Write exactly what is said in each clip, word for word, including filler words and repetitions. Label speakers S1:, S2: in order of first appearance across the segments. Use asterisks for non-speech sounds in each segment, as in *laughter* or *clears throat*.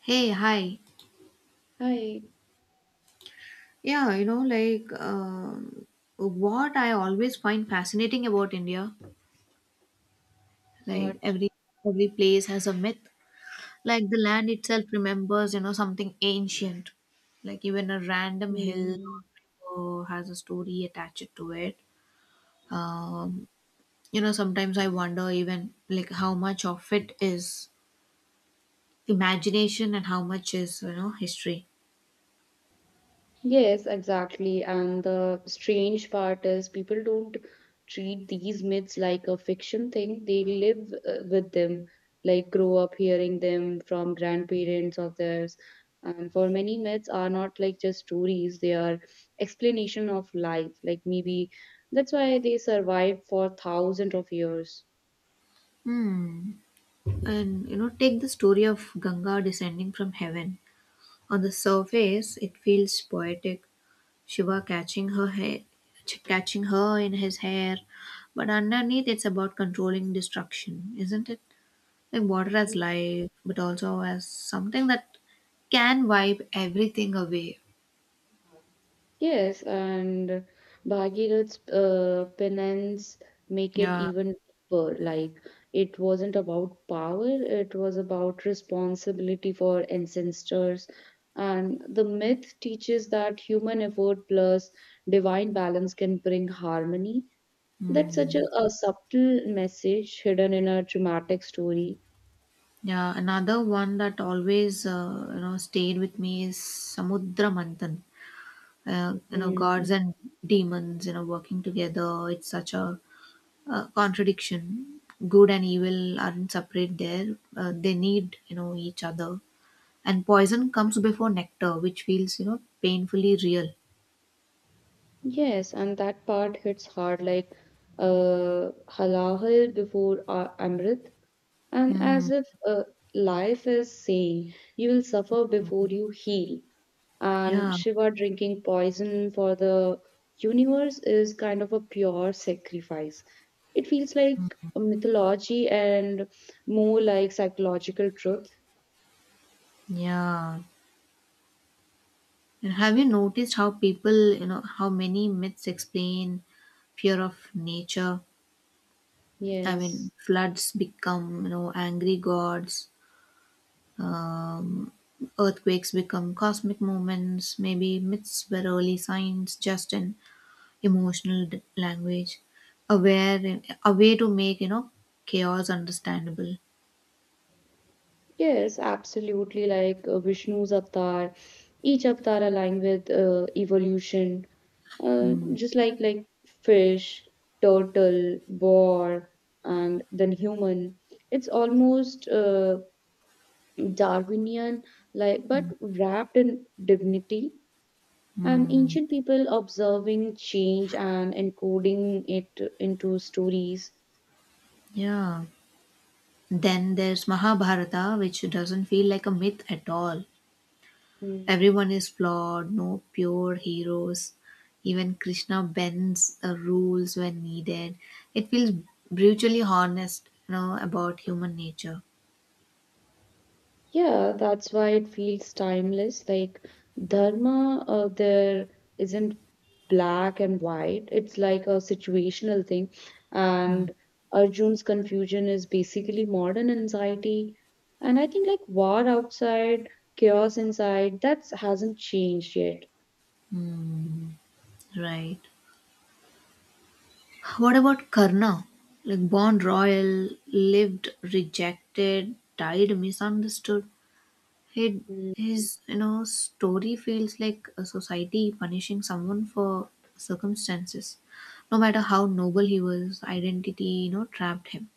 S1: Hey, hi.
S2: Hi.
S1: Yeah, you know, like um what I always find fascinating about India, like
S2: What?
S1: every every place has a myth. Like the land itself remembers, you know, something ancient. Like even a random hill
S2: Hmm.
S1: or river has a story attached to it. Um, you know, sometimes I wonder even like how much of it is imagination and how much is, you know, history.
S2: Yes, exactly. And the strange part is people don't treat these myths like a fiction thing. They live uh, with them, like grow up hearing them from grandparents of theirs. And for many myths are not like just stories, they are explanation of life. Like maybe that's why they survived for thousands of years.
S1: Hmm. And you know, take the story of Ganga descending from heaven. On the surface, it feels poetic, Shiva catching her hair, ch- catching her in his hair, but underneath, it's about controlling destruction, isn't it? Like water as life, but also as something that can wipe everything away.
S2: Yes, and Bhagirath's uh, penance make it
S1: Yeah.
S2: even deeper. Like it wasn't about power, it was about responsibility for ancestors. And the myth teaches that human effort plus divine balance can bring harmony. That's such a,
S1: Mm.
S2: a subtle message hidden in a dramatic story.
S1: Yeah, another one that always uh, you know stayed with me is Samudra Manthan. Uh, you know, gods
S2: Hmm.
S1: and demons, you know, working together. It's such a uh, contradiction. Good and evil aren't separate there, uh, they need you know each other, and poison comes before nectar, which feels you know painfully real.
S2: Yes, and that part hits hard like uh, halahul before uh, amrit, and
S1: Mm.
S2: as if uh, life is saying, you will suffer before you heal. And
S1: Yeah,
S2: Shiva drinking poison for the universe is kind of a pure sacrifice. It feels like a mythology and more like psychological truth.
S1: yeah, and have you noticed how people, you know how many myths explain fear of nature? I mean,
S2: Yes.
S1: floods become, you know angry gods. um, earthquakes become cosmic moments. Maybe myths were early signs, just an emotional d- language aware in, a way to make, you know chaos understandable.
S2: Yes, absolutely. Like uh, Vishnu's avatar, each avatar aligned with uh, evolution. Uh,
S1: Mm.
S2: just like like fish, turtle, boar, and then human. It's almost uh, Darwinian, like but wrapped in dignity. And
S1: Mm.
S2: ancient people observing change and encoding it into stories.
S1: Yeah, then there's Mahabharata, which doesn't feel like a myth at all. Everyone
S2: Hmm.
S1: is flawed, no pure heroes. Even Krishna bends uh, rules when needed. It feels brutally honest, you know about human nature.
S2: Yeah, that's why it feels timeless. Like dharma, uh, there isn't black and white. It's like a situational thing. And Arjun's confusion is basically modern anxiety. And I think like war outside, chaos inside, that hasn't changed yet.
S1: Mm. Right. What about Karna? Like born royal, lived rejected, died misunderstood. He, his, you know story feels like a society punishing someone for circumstances. No matter how noble he was, identity, you know trapped him.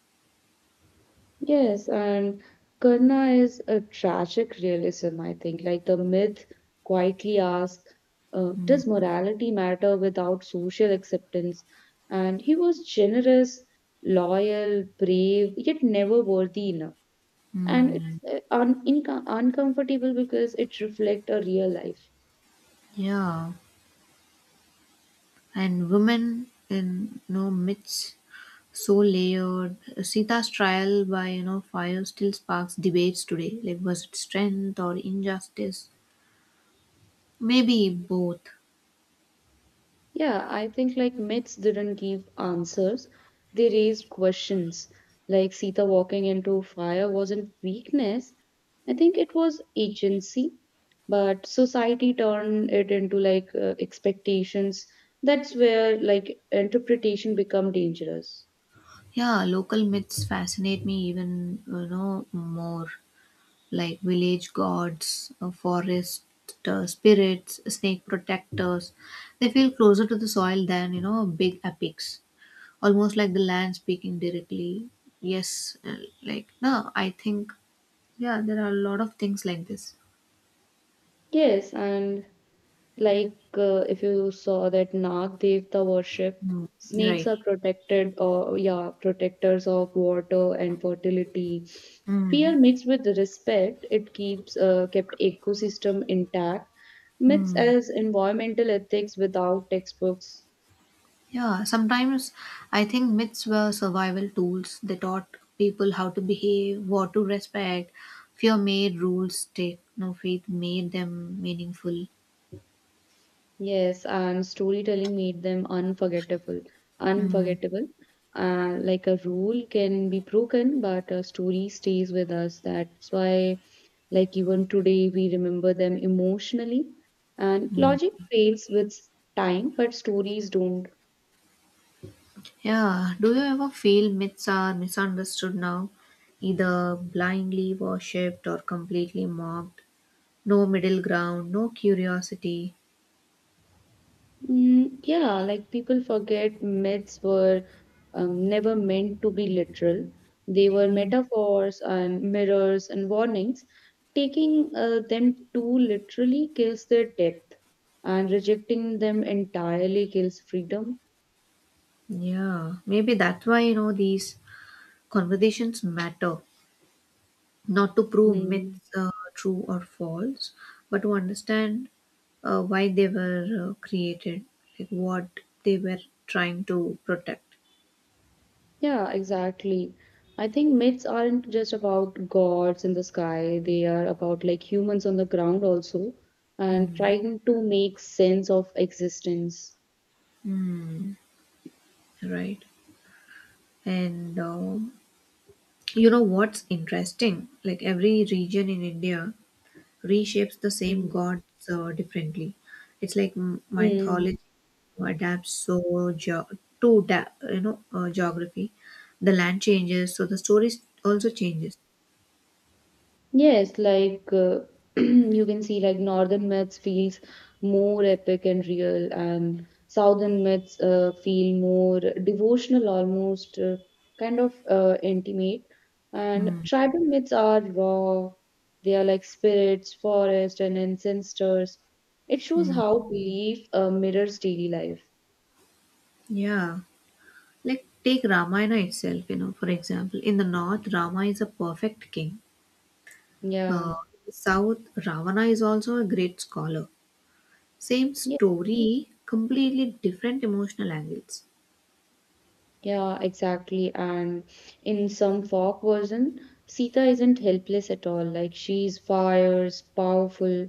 S2: Yes, and Karna is a tragic realism, I think. Like the myth quietly asks, uh, does morality matter without social acceptance? And he was generous, loyal, brave, yet never worthy enough. And
S1: Hmm.
S2: it's uh, un- inco- uncomfortable because it reflects a real life.
S1: Yeah, and women in, you know myths, so layered. Sita's trial by, you know fire still sparks debates today. Like was it strength or injustice? Maybe both.
S2: Yeah, I think like myths didn't give answers, they raised questions. Like Sita walking into fire wasn't weakness, I think it was agency, but society turned it into like uh, expectations. That's where like interpretation become dangerous.
S1: Yeah, local myths fascinate me even, you know, more. Like village gods, uh, forest uh, spirits, snake protectors. They feel closer to the soil than, you know, big epics. Almost like the land speaking directly. Yes, uh, like no, I think yeah, there are a lot of things like this.
S2: Yes, and like uh, if you saw that Nag Devta worship, snakes
S1: Right.
S2: are protected or yeah, protectors of water and fertility.
S1: Mm.
S2: Fear mixed with respect, it keeps uh, kept ecosystem intact. Myths as environmental ethics without textbooks.
S1: Yeah, sometimes I think myths were survival tools. They taught people how to behave, what to respect. Fear made rules stick. No faith made them meaningful.
S2: Yes, and storytelling made them unforgettable.
S1: Mm.
S2: Unforgettable. Uh, like a rule can be broken, but a story stays with us. That's why like even today, we remember them emotionally. And
S1: Mm.
S2: logic fails with time, but stories don't.
S1: Yeah. Do you ever feel myths are misunderstood now, either blindly worshipped or completely mocked? No middle ground, no curiosity.
S2: Mm, yeah, like people forget myths were um, never meant to be literal. They were
S1: Mm.
S2: metaphors and mirrors and warnings. Taking uh, them too literally kills their depth, and rejecting them entirely kills freedom.
S1: Yeah. Maybe that's why, you know these conversations matter. Not to prove
S2: Hmm.
S1: myths uh, true or false, but to understand uh, why they were uh, created, like what they were trying to protect.
S2: Yeah, exactly. I think myths aren't just about gods in the sky, they are about like humans on the ground also and
S1: Mm.
S2: trying to make sense of existence.
S1: Mm. Right. And um you know what's interesting? Like every region in India reshapes the same gods uh, differently. It's like m-
S2: Mm.
S1: mythology adapts so geo to da- you know uh, geography. The land changes, so the story also changes.
S2: Yes, like uh, *clears throat* you can see, like northern myths feels more epic and real, and southern myths uh, feel more devotional, almost uh, kind of uh, intimate. And
S1: Mm.
S2: tribal myths are raw. They are like spirits, forest, and ancestors. It shows
S1: Mm.
S2: how belief uh, mirrors daily life.
S1: Yeah. Like take Ramayana itself, you know, for example, in the north, Rama is a perfect king. Uh,
S2: Yeah.
S1: in the south, Ravana is also a great scholar. Same story, completely different emotional angles.
S2: Yeah, exactly. And in some folk version, Sita isn't helpless at all. Like she's fierce, powerful,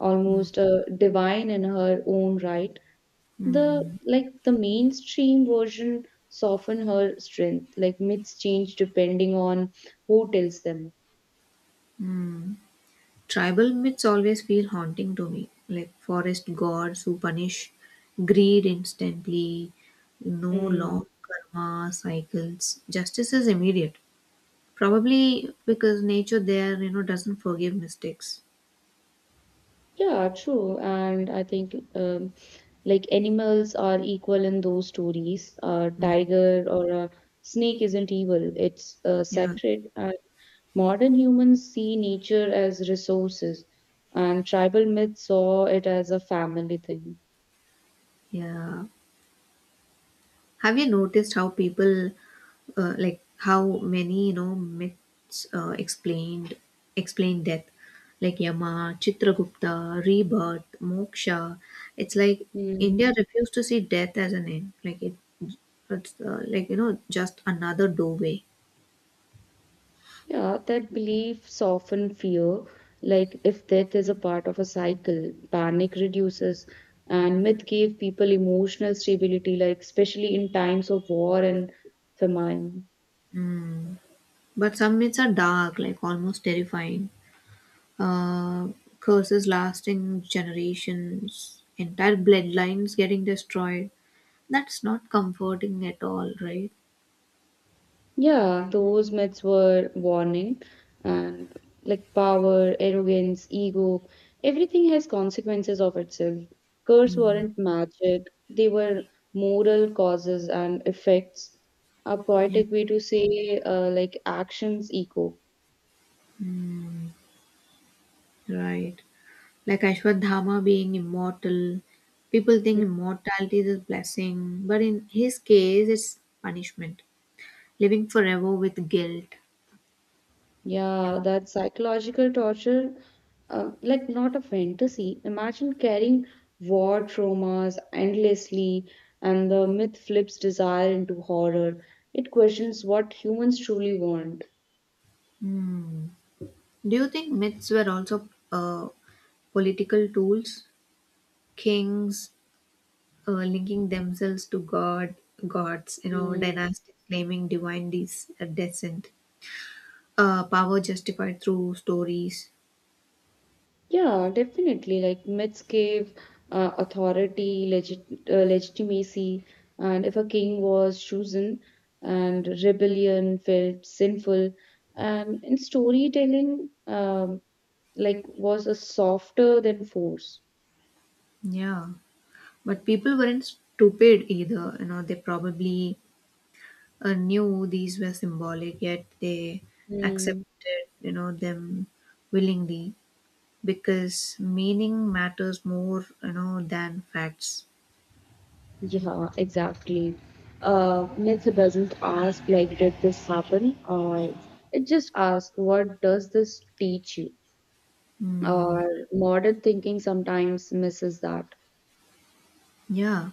S2: almost uh, divine in her own right. The
S1: Mm.
S2: like the mainstream version soften her strength. Like myths change depending on who tells them.
S1: Tribal myths always feel haunting to me, like forest gods who punish greed instantly, no
S2: Mm.
S1: long karma cycles. Justice is immediate, probably because nature there, you know, doesn't forgive mistakes.
S2: Yeah, true. And I think um, like animals are equal in those stories. A
S1: Mm.
S2: tiger or a snake isn't evil, it's uh,
S1: Yeah.
S2: sacred. And modern humans see nature as resources, and tribal myths saw it as a family thing.
S1: Yeah. Have you noticed how people, uh, like how many, you know, myths uh, explained explain death, like Yama, Chitragupta, rebirth, moksha. It's like
S2: Hmm.
S1: India refused to see death as an end. Like it, it's uh, like, you know, just another doorway.
S2: Yeah, that belief soften fear. Like if death is a part of a cycle, panic reduces, and myth gave people emotional stability, like especially in times of war and famine.
S1: Mm. But some myths are dark, like almost terrifying. uh, curses lasting generations, entire bloodlines getting destroyed. That's not comforting at all, right?
S2: Yeah, those myths were warning and like power, arrogance, ego, everything has consequences of itself. Curse
S1: Mm,
S2: weren't magic, they were moral causes and effects. A
S1: yeah.
S2: poetic way to say uh, like actions echo.
S1: Mm, right. Like Ashwadhama being immortal, people think immortality is a blessing, but in his case, it's punishment, living forever with guilt.
S2: Yeah, that psychological torture, uh, like not a fantasy. Imagine carrying war traumas endlessly, and the myth flips desire into horror. It questions what humans truly want.
S1: Mm. Do you think myths were also uh, political tools? Kings, uh, linking themselves to god gods, you know
S2: Mm,
S1: dynasties claiming divine des- uh, descent, uh, power justified through stories.
S2: yeah, definitely. Like myths gave uh, authority, legit uh, legitimacy, and if a king was chosen, and rebellion felt sinful, and in storytelling, um, like was a softer than force.
S1: Yeah, but people weren't stupid either, you know they probably uh, knew these were symbolic, yet they
S2: Hmm.
S1: accepted, you know them willingly, because meaning matters more, you know than facts.
S2: Yeah, exactly. Uh, myth doesn't ask like, did this happen? Or it just asks, what does this teach you?
S1: Mm,
S2: Or modern thinking sometimes misses that.
S1: yeah.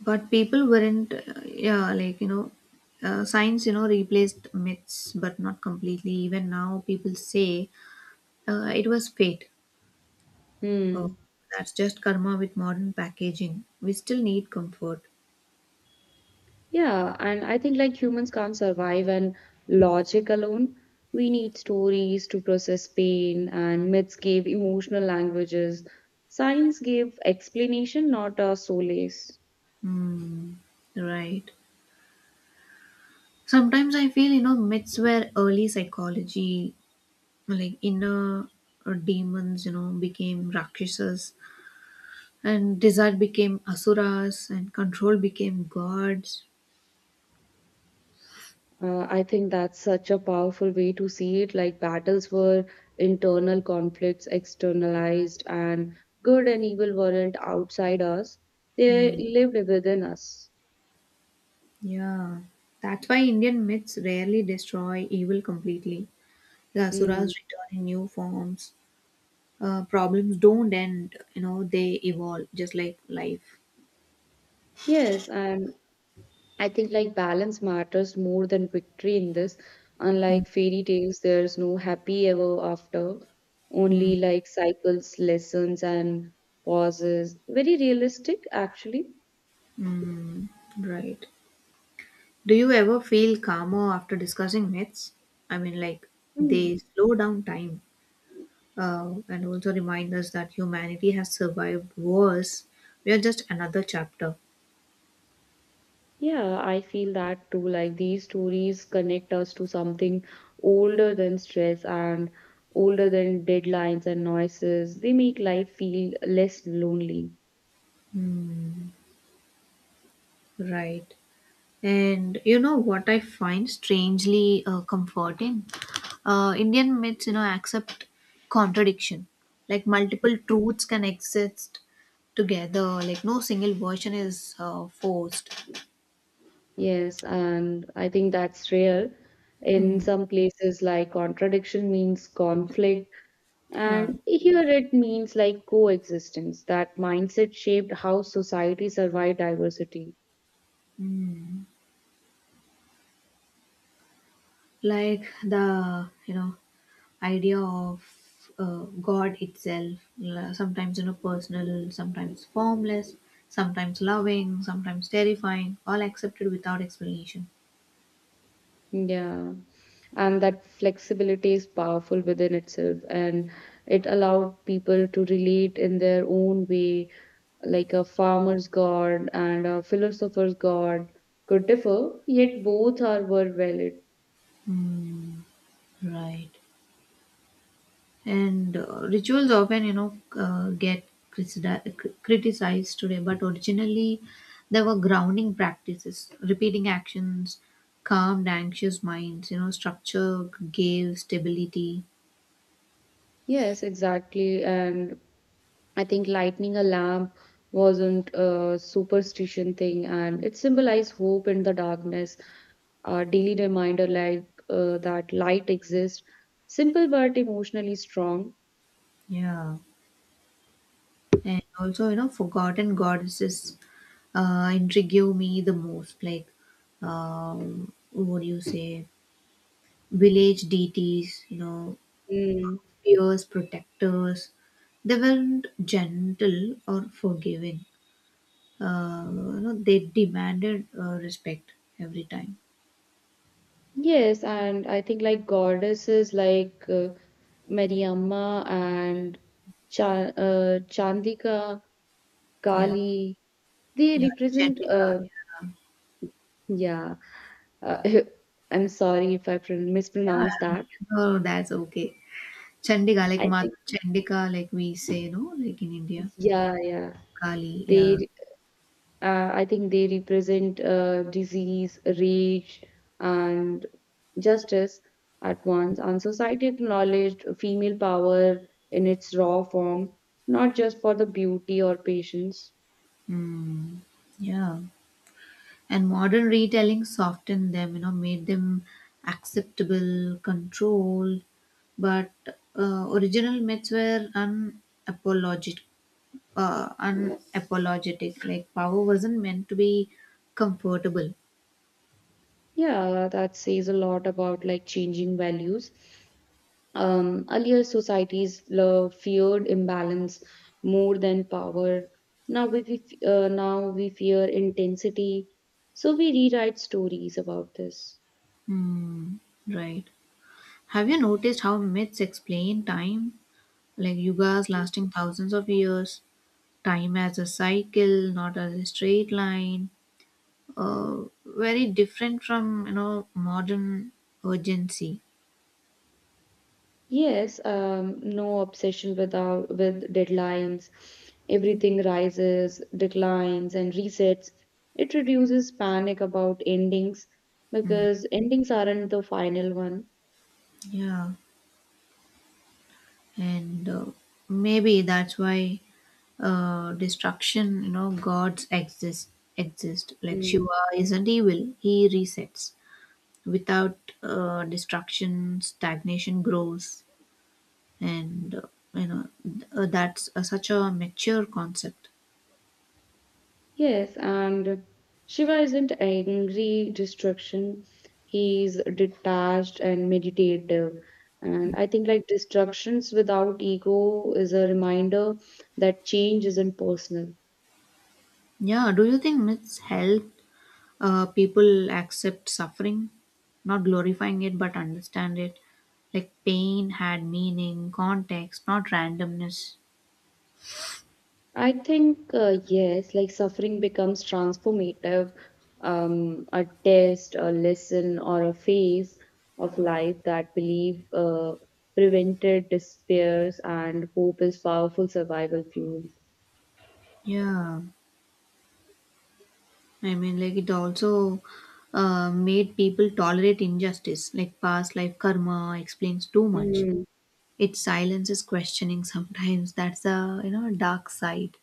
S1: But people weren't uh, yeah, like, you know uh, science, you know replaced myths but not completely. Even now people say, uh, it was fate. Oh,
S2: Hmm.
S1: that's just karma with modern packaging. We still need comfort.
S2: Yeah, and I think like humans can't survive on logic alone. We need stories to process pain, and myths gave emotional languages. Science gave explanation, not a solace.
S1: Hmm. Right. Sometimes I feel, you know myths were early psychology, like inner uh, demons, you know became rakshasas, and desire became asuras, and control became gods.
S2: Uh, I think that's such a powerful way to see it. Like battles were internal conflicts, externalized, and good and evil weren't outside us. They
S1: Hmm.
S2: lived within us.
S1: Yeah, that's why Indian myths rarely destroy evil completely. The
S2: Mm.
S1: asuras return in new forms. Uh, problems don't end, you know, they evolve just like life.
S2: Yes, and I think like balance matters more than victory in this. Unlike fairy tales, there's no happy ever after, only like cycles, lessons, and pauses. Very realistic, actually.
S1: Mm, right. Do you ever feel calmer after discussing myths? I mean, like,
S2: Hmm.
S1: they slow down time, uh, and also remind us that humanity has survived wars. We are just another chapter.
S2: Yeah, I feel that too. Like these stories connect us to something older than stress and older than deadlines and noises. They make life feel less lonely.
S1: Mm, right. And you know what I find strangely uh, comforting? Uh, Indian myths, you know, accept contradiction. Like multiple truths can exist together. Like no single version is uh, forced.
S2: Yes, and I think that's rare. In
S1: Mm,
S2: some places, like contradiction means conflict,
S1: yeah.
S2: and here it means like coexistence. That mindset shaped how society survived diversity.
S1: Like the, you know, idea of uh, God itself, la- sometimes, you know, personal, sometimes formless, sometimes loving, sometimes terrifying, all accepted without explanation.
S2: Yeah. And that flexibility is powerful within itself, and it allowed people to relate in their own way, like a farmer's god and a philosopher's god could differ, yet both are were valid.
S1: Mm, right. And uh, rituals often, you know, uh, get criti- cri- criticized today, but originally they were grounding practices, repeating actions, calmed anxious minds, you know, structure gave stability.
S2: Yes, exactly. And I think lighting a lamp wasn't a superstition thing, and it symbolized hope in the darkness, a daily reminder like uh, that light exists, simple but emotionally strong.
S1: Yeah. And also, you know, forgotten goddesses uh, intrigue me the most. Like, um, what do you say? Village deities, you know,
S2: Mm,
S1: peers, protectors. They weren't gentle or forgiving. Uh, you know, they demanded uh, respect every time.
S2: yes, and I think like goddesses like uh, Mariamma and Cha uh, Chandika,
S1: Yeah,
S2: Kali, they
S1: yeah,
S2: represent,
S1: Chandika.
S2: uh,
S1: Yeah, yeah.
S2: yeah, uh, *laughs* I'm sorry if I pron
S1: Yeah.
S2: mispronounced that.
S1: Oh, that's okay. Chandika, like
S2: I
S1: Mata
S2: think,
S1: Chandika, like we say, no, like in India,
S2: yeah, yeah,
S1: Kali.
S2: they
S1: Yeah.
S2: Uh, I think they represent uh, disease, rage, and justice at once, and society acknowledged female power in its raw form, not just for the beauty or patience.
S1: Mm, yeah. And modern retelling softened them, you know made them acceptable, controlled, but uh, original myths were unapologetic uh, unapologetic. Like power wasn't meant to be comfortable.
S2: Yeah, that says a lot about like changing values. Um, earlier societies lo- feared imbalance more than power. Now we we uh, now we fear intensity, so we rewrite stories about this.
S1: Hmm, right. Have you noticed how myths explain time, like yugas lasting thousands of years, time as a cycle, not as a straight line? uh, very different from, you know modern urgency.
S2: Yes, um, no obsession without with deadlines. Everything rises, declines, and resets. It reduces panic about endings
S1: Mm.
S2: because endings aren't the final one.
S1: Yeah, and uh, maybe that's why uh, destruction, you know gods exist exist. Like
S2: Mm.
S1: Shiva isn't evil, he resets. Without uh, destruction, stagnation grows, and uh, you know th- uh, that's uh, such a mature concept.
S2: Yes, and Shiva isn't angry destruction. He's detached and meditative. And I think like destructions without ego is a reminder that change isn't personal.
S1: Yeah. Do you think myths help uh, people accept suffering? Not glorifying it, but understand it. Like pain had meaning, context, not randomness.
S2: I think, uh, yes, like suffering becomes transformative, um, a test, a lesson, or a phase of life that believe uh, prevented despairs and hope is powerful survival fuel.
S1: Yeah, I mean, like it also uh, made people tolerate injustice, like past life karma explains too much.
S2: Mm,
S1: It silences questioning *laughs* sometimes. That's a, you know dark side.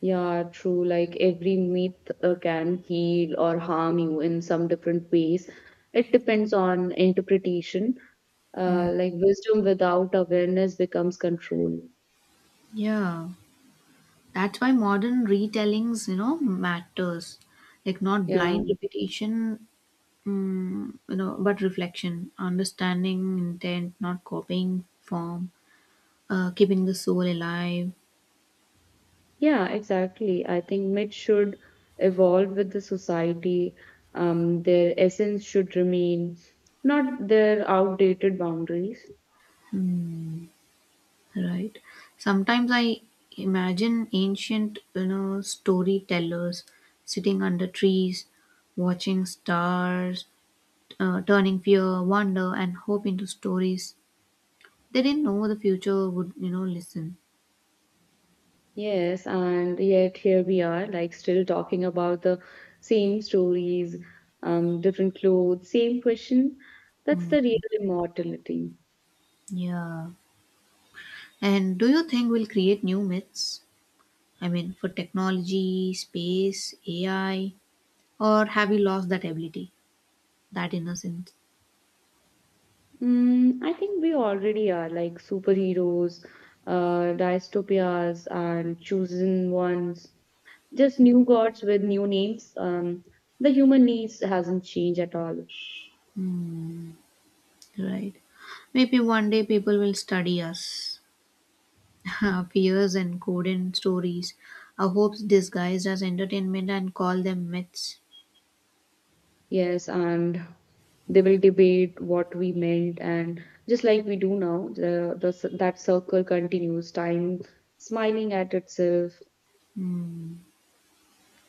S2: yeah, true. Like every myth uh, can heal or harm you in some different ways. It depends on interpretation.
S1: Mm.
S2: Uh, like wisdom without awareness becomes control.
S1: Yeah, that's why modern retellings, you know matters, like not
S2: Yeah.
S1: blind repetition. Mm, you know but reflection, understanding intent, not copying form, uh, keeping the soul alive.
S2: Yeah, exactly. I think myths should evolve with the society. Um, their essence should remain, not their outdated boundaries.
S1: Right. Sometimes I imagine ancient, you know storytellers sitting under trees, watching stars, uh, turning fear, wonder, and hope into stories. They didn't know the future would, you know listen.
S2: Yes, and yet here we are, like still talking about the same stories, um, different clothes, same question. That's
S1: Mm,
S2: the real immortality.
S1: yeah. And do you think we'll create new myths? I mean, for technology, space, AI? Or have we lost that ability, that innocence?
S2: Mm, I think we already are like superheroes, uh, dystopias, and chosen ones. Just new gods with new names. Um, the human needs hasn't changed at all.
S1: Right? Maybe one day people will study us, *laughs* our fears and coded stories, our hopes disguised as entertainment, and call them myths.
S2: Yes, and they will debate what we meant, and just like we do now, the, the c- that circle continues. Time smiling at itself.
S1: Hmm,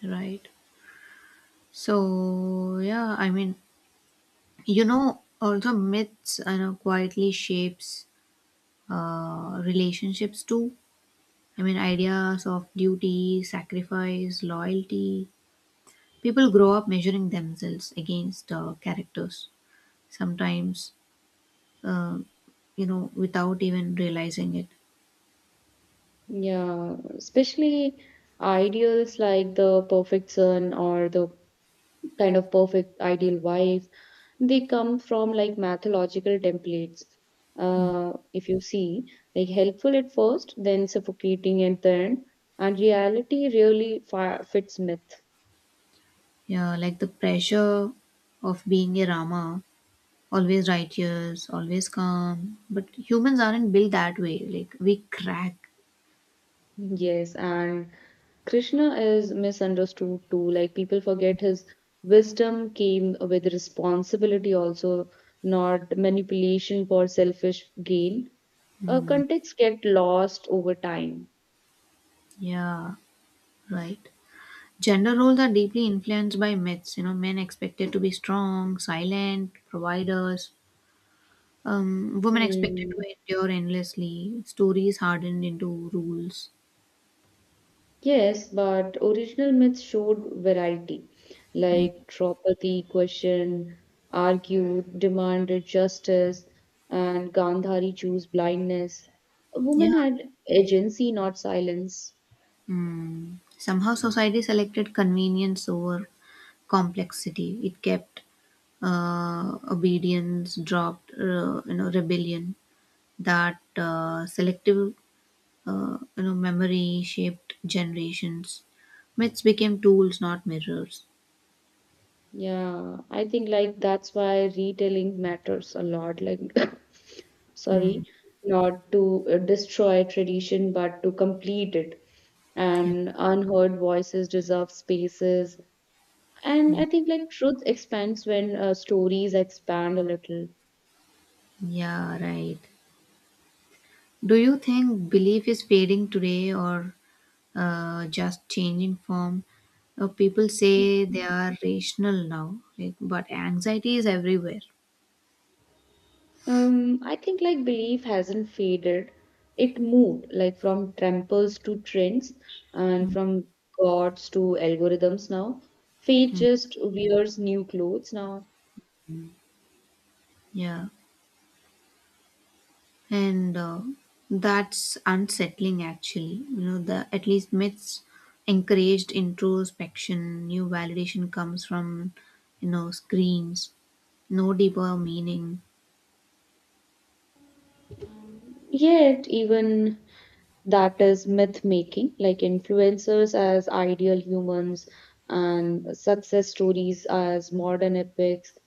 S1: right? So, yeah, I mean, you know, also myths, you know, quietly shapes uh, relationships too. I mean, ideas of duty, sacrifice, loyalty. People grow up measuring themselves against uh, characters. Sometimes, uh, you know, without even realizing it.
S2: Yeah, especially ideals like the perfect son or the kind of perfect ideal wife, they come from like mythological templates. Uh, if you see, like helpful at first, then suffocating at the end, and reality really fi fits myth.
S1: Yeah, like the pressure of being a Rama, always righteous, always calm. But humans aren't built that way. Like we crack.
S2: Yes, and Krishna is misunderstood too. Like people forget his wisdom came with responsibility also, not manipulation for selfish gain. Uh, context get lost over time.
S1: Yeah, right. Gender roles are deeply influenced by myths. You know, men expected to be strong, silent, providers. Um, women expected
S2: Hmm.
S1: to endure endlessly. Stories hardened into rules.
S2: Yes, but original myths showed variety, like Draupadi questioned, argued, demanded justice, and Gandhari chose blindness. A
S1: Yeah.
S2: woman had agency, not silence.
S1: Mm. Somehow, society selected convenience over complexity. It kept uh, obedience, dropped uh, you know rebellion. That uh, selective, uh, you know memory shaped generations. Myths became tools, not mirrors.
S2: Yeah, I think like that's why retelling matters a lot. Like, *laughs* *coughs*
S1: Mm.
S2: sorry, not to uh, destroy tradition, but to complete it.
S1: Yep.
S2: And unheard voices deserve spaces. And I
S1: Yep.
S2: think like truth expands when uh, stories expand a little.
S1: Yeah. Right. Do you think belief is fading today, or uh, just changing form? Uh, people
S2: Mhm.
S1: say they are rational now, like, but anxiety is everywhere.
S2: Um, I think like belief hasn't faded. It moved like from tramples to trends and from gods to algorithms now. Faith
S1: Mhm.
S2: just wears new clothes now.
S1: Yeah, and uh, that's unsettling actually. You know, the at least myths encouraged introspection. New validation comes from, you know screens. No deeper meaning.
S2: Yet, even that is myth making, like influencers as ideal humans and success stories as modern epics.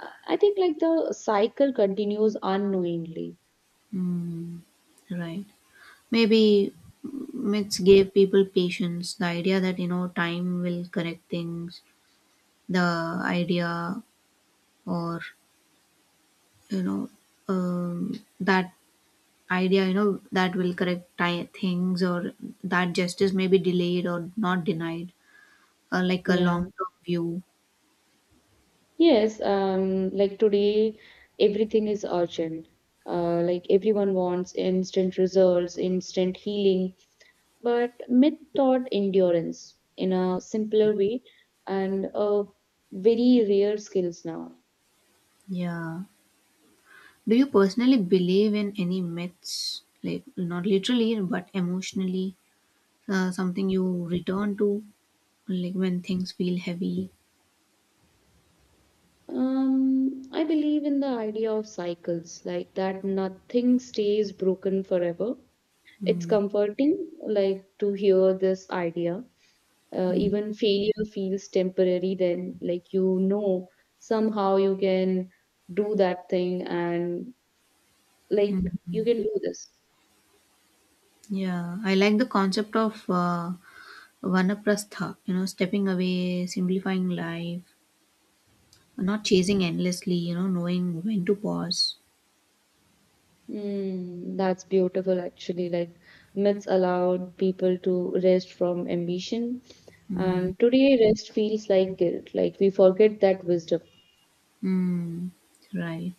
S2: I I think like the cycle continues unknowingly.
S1: Mm, right. Maybe myths gave people patience. The idea that, you know time will correct things. The idea, or, you know, um, that idea, you know, that will correct ti things, or that justice may be delayed or not denied, uh, like a
S2: Yeah.
S1: long-term view.
S2: Yes, um, like today, everything is urgent. Uh, like everyone wants instant results, instant healing, but myth taught endurance in a simpler way and a very rare skills now.
S1: Yeah. Do you personally believe in any myths, like not literally but emotionally? uh, something you return to, like when things feel heavy?
S2: Um, I believe in the idea of cycles, like that nothing stays broken forever. It's
S1: Mm.
S2: comforting, like to hear this idea uh,
S1: Mhm.
S2: even failure feels temporary then like you know somehow you can do that thing and like you can do this.
S1: Yeah, I like the concept of uh, vanaprastha, you know, stepping away, simplifying life, not chasing endlessly, you know, knowing when to pause.
S2: Mm, that's beautiful actually like myths allowed people to rest from ambition
S1: Mm.
S2: and today rest feels like guilt like we forget that wisdom.
S1: Mm. Right.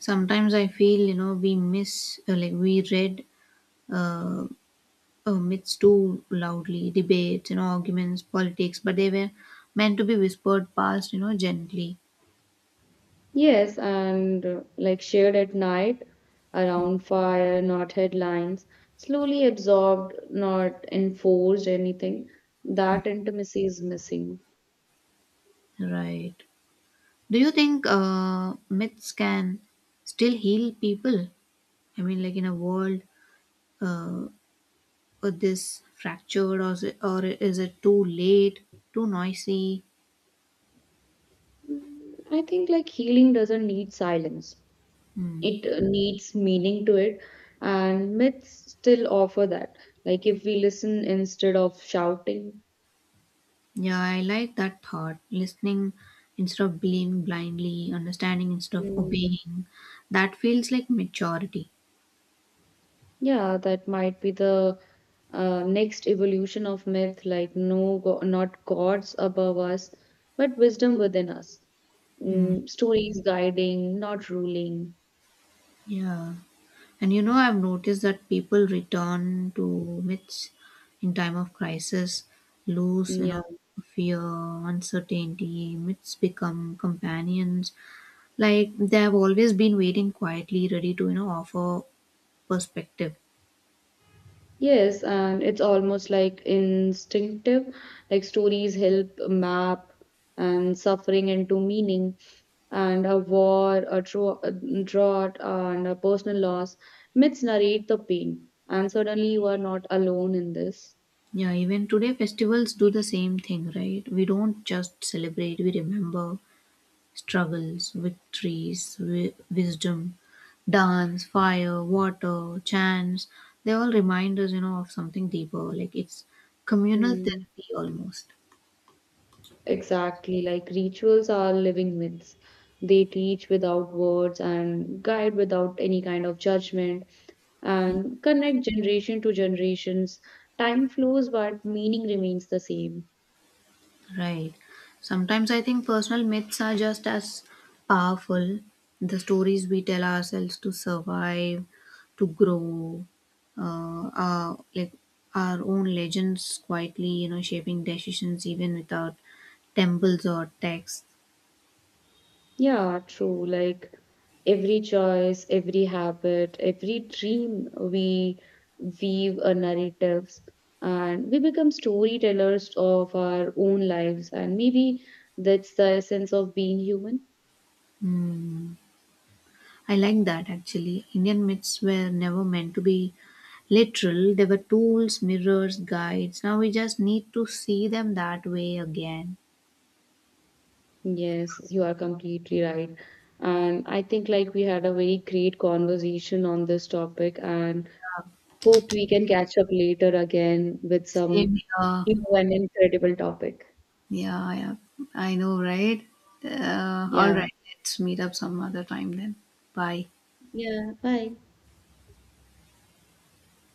S1: Sometimes I feel, you know, we miss, uh, like, we read uh, uh, myths too loudly, debates, you know, arguments, politics, but they were meant to be whispered past, you know, gently.
S2: Yes, and uh, like shared at night around fire, not headlines, slowly absorbed, not enforced anything. That intimacy is missing.
S1: Right. Do you think uh, myths can still heal people? I mean, like in a world uh, with this fractured, or is, it, or is it too late, too noisy?
S2: Mm, I think like healing doesn't need silence.
S1: Hmm.
S2: It uh, needs meaning to it, and myths still offer that. Like if we listen instead of shouting.
S1: Yeah, I like that thought. Listening instead of believing blindly, understanding instead of
S2: Mm.
S1: obeying. That feels like maturity.
S2: Yeah, that might be the uh, next evolution of myth, like no, go not gods above us, but wisdom within us.
S1: Hmm.
S2: Mm, stories guiding, not ruling.
S1: Yeah. And, you know, I've noticed that people return to myths in time of crisis, lose,
S2: Mm,
S1: you know,
S2: yeah.
S1: fear, uncertainty. Myths become companions, like they've always been waiting quietly, ready to, you know offer perspective.
S2: Yes, and it's almost like instinctive, like stories help map and suffering into meaning, and a war, a dro- a drought, and a personal loss. Myths narrate the pain, and suddenly you are not alone in this.
S1: Yeah, even today festivals do the same thing, right? We don't just celebrate, we remember struggles, victories, wi- wisdom, dance, fire, water, chants. They all remind us, you know of something deeper. Like it's communal
S2: Mm.
S1: therapy almost.
S2: Exactly, like rituals are living myths. They teach without words and guide without any kind of judgment and connect generation to generations. Time flows, but meaning remains the same.
S1: Right. Sometimes I think personal myths are just as powerful. The stories we tell ourselves to survive, to grow, uh, are like our own legends, quietly, you know, shaping decisions even without temples or texts.
S2: Yeah, true. Like every choice, every habit, every dream, we weave a narratives and we become storytellers of our own lives. And maybe that's the essence of being human.
S1: Hmm. I like that actually. Indian myths were never meant to be literal, they were tools, mirrors, guides. Now we just need to see them that way again.
S2: Yes, you are completely right. And I think like we had a very great conversation on this topic and hope we can catch up later again with
S1: Same
S2: some
S1: here.
S2: new and incredible topic.
S1: Yeah, yeah. I know, right? Uh, all
S2: Yeah.
S1: right, let's meet up some other time then. Bye.
S2: Yeah. Bye.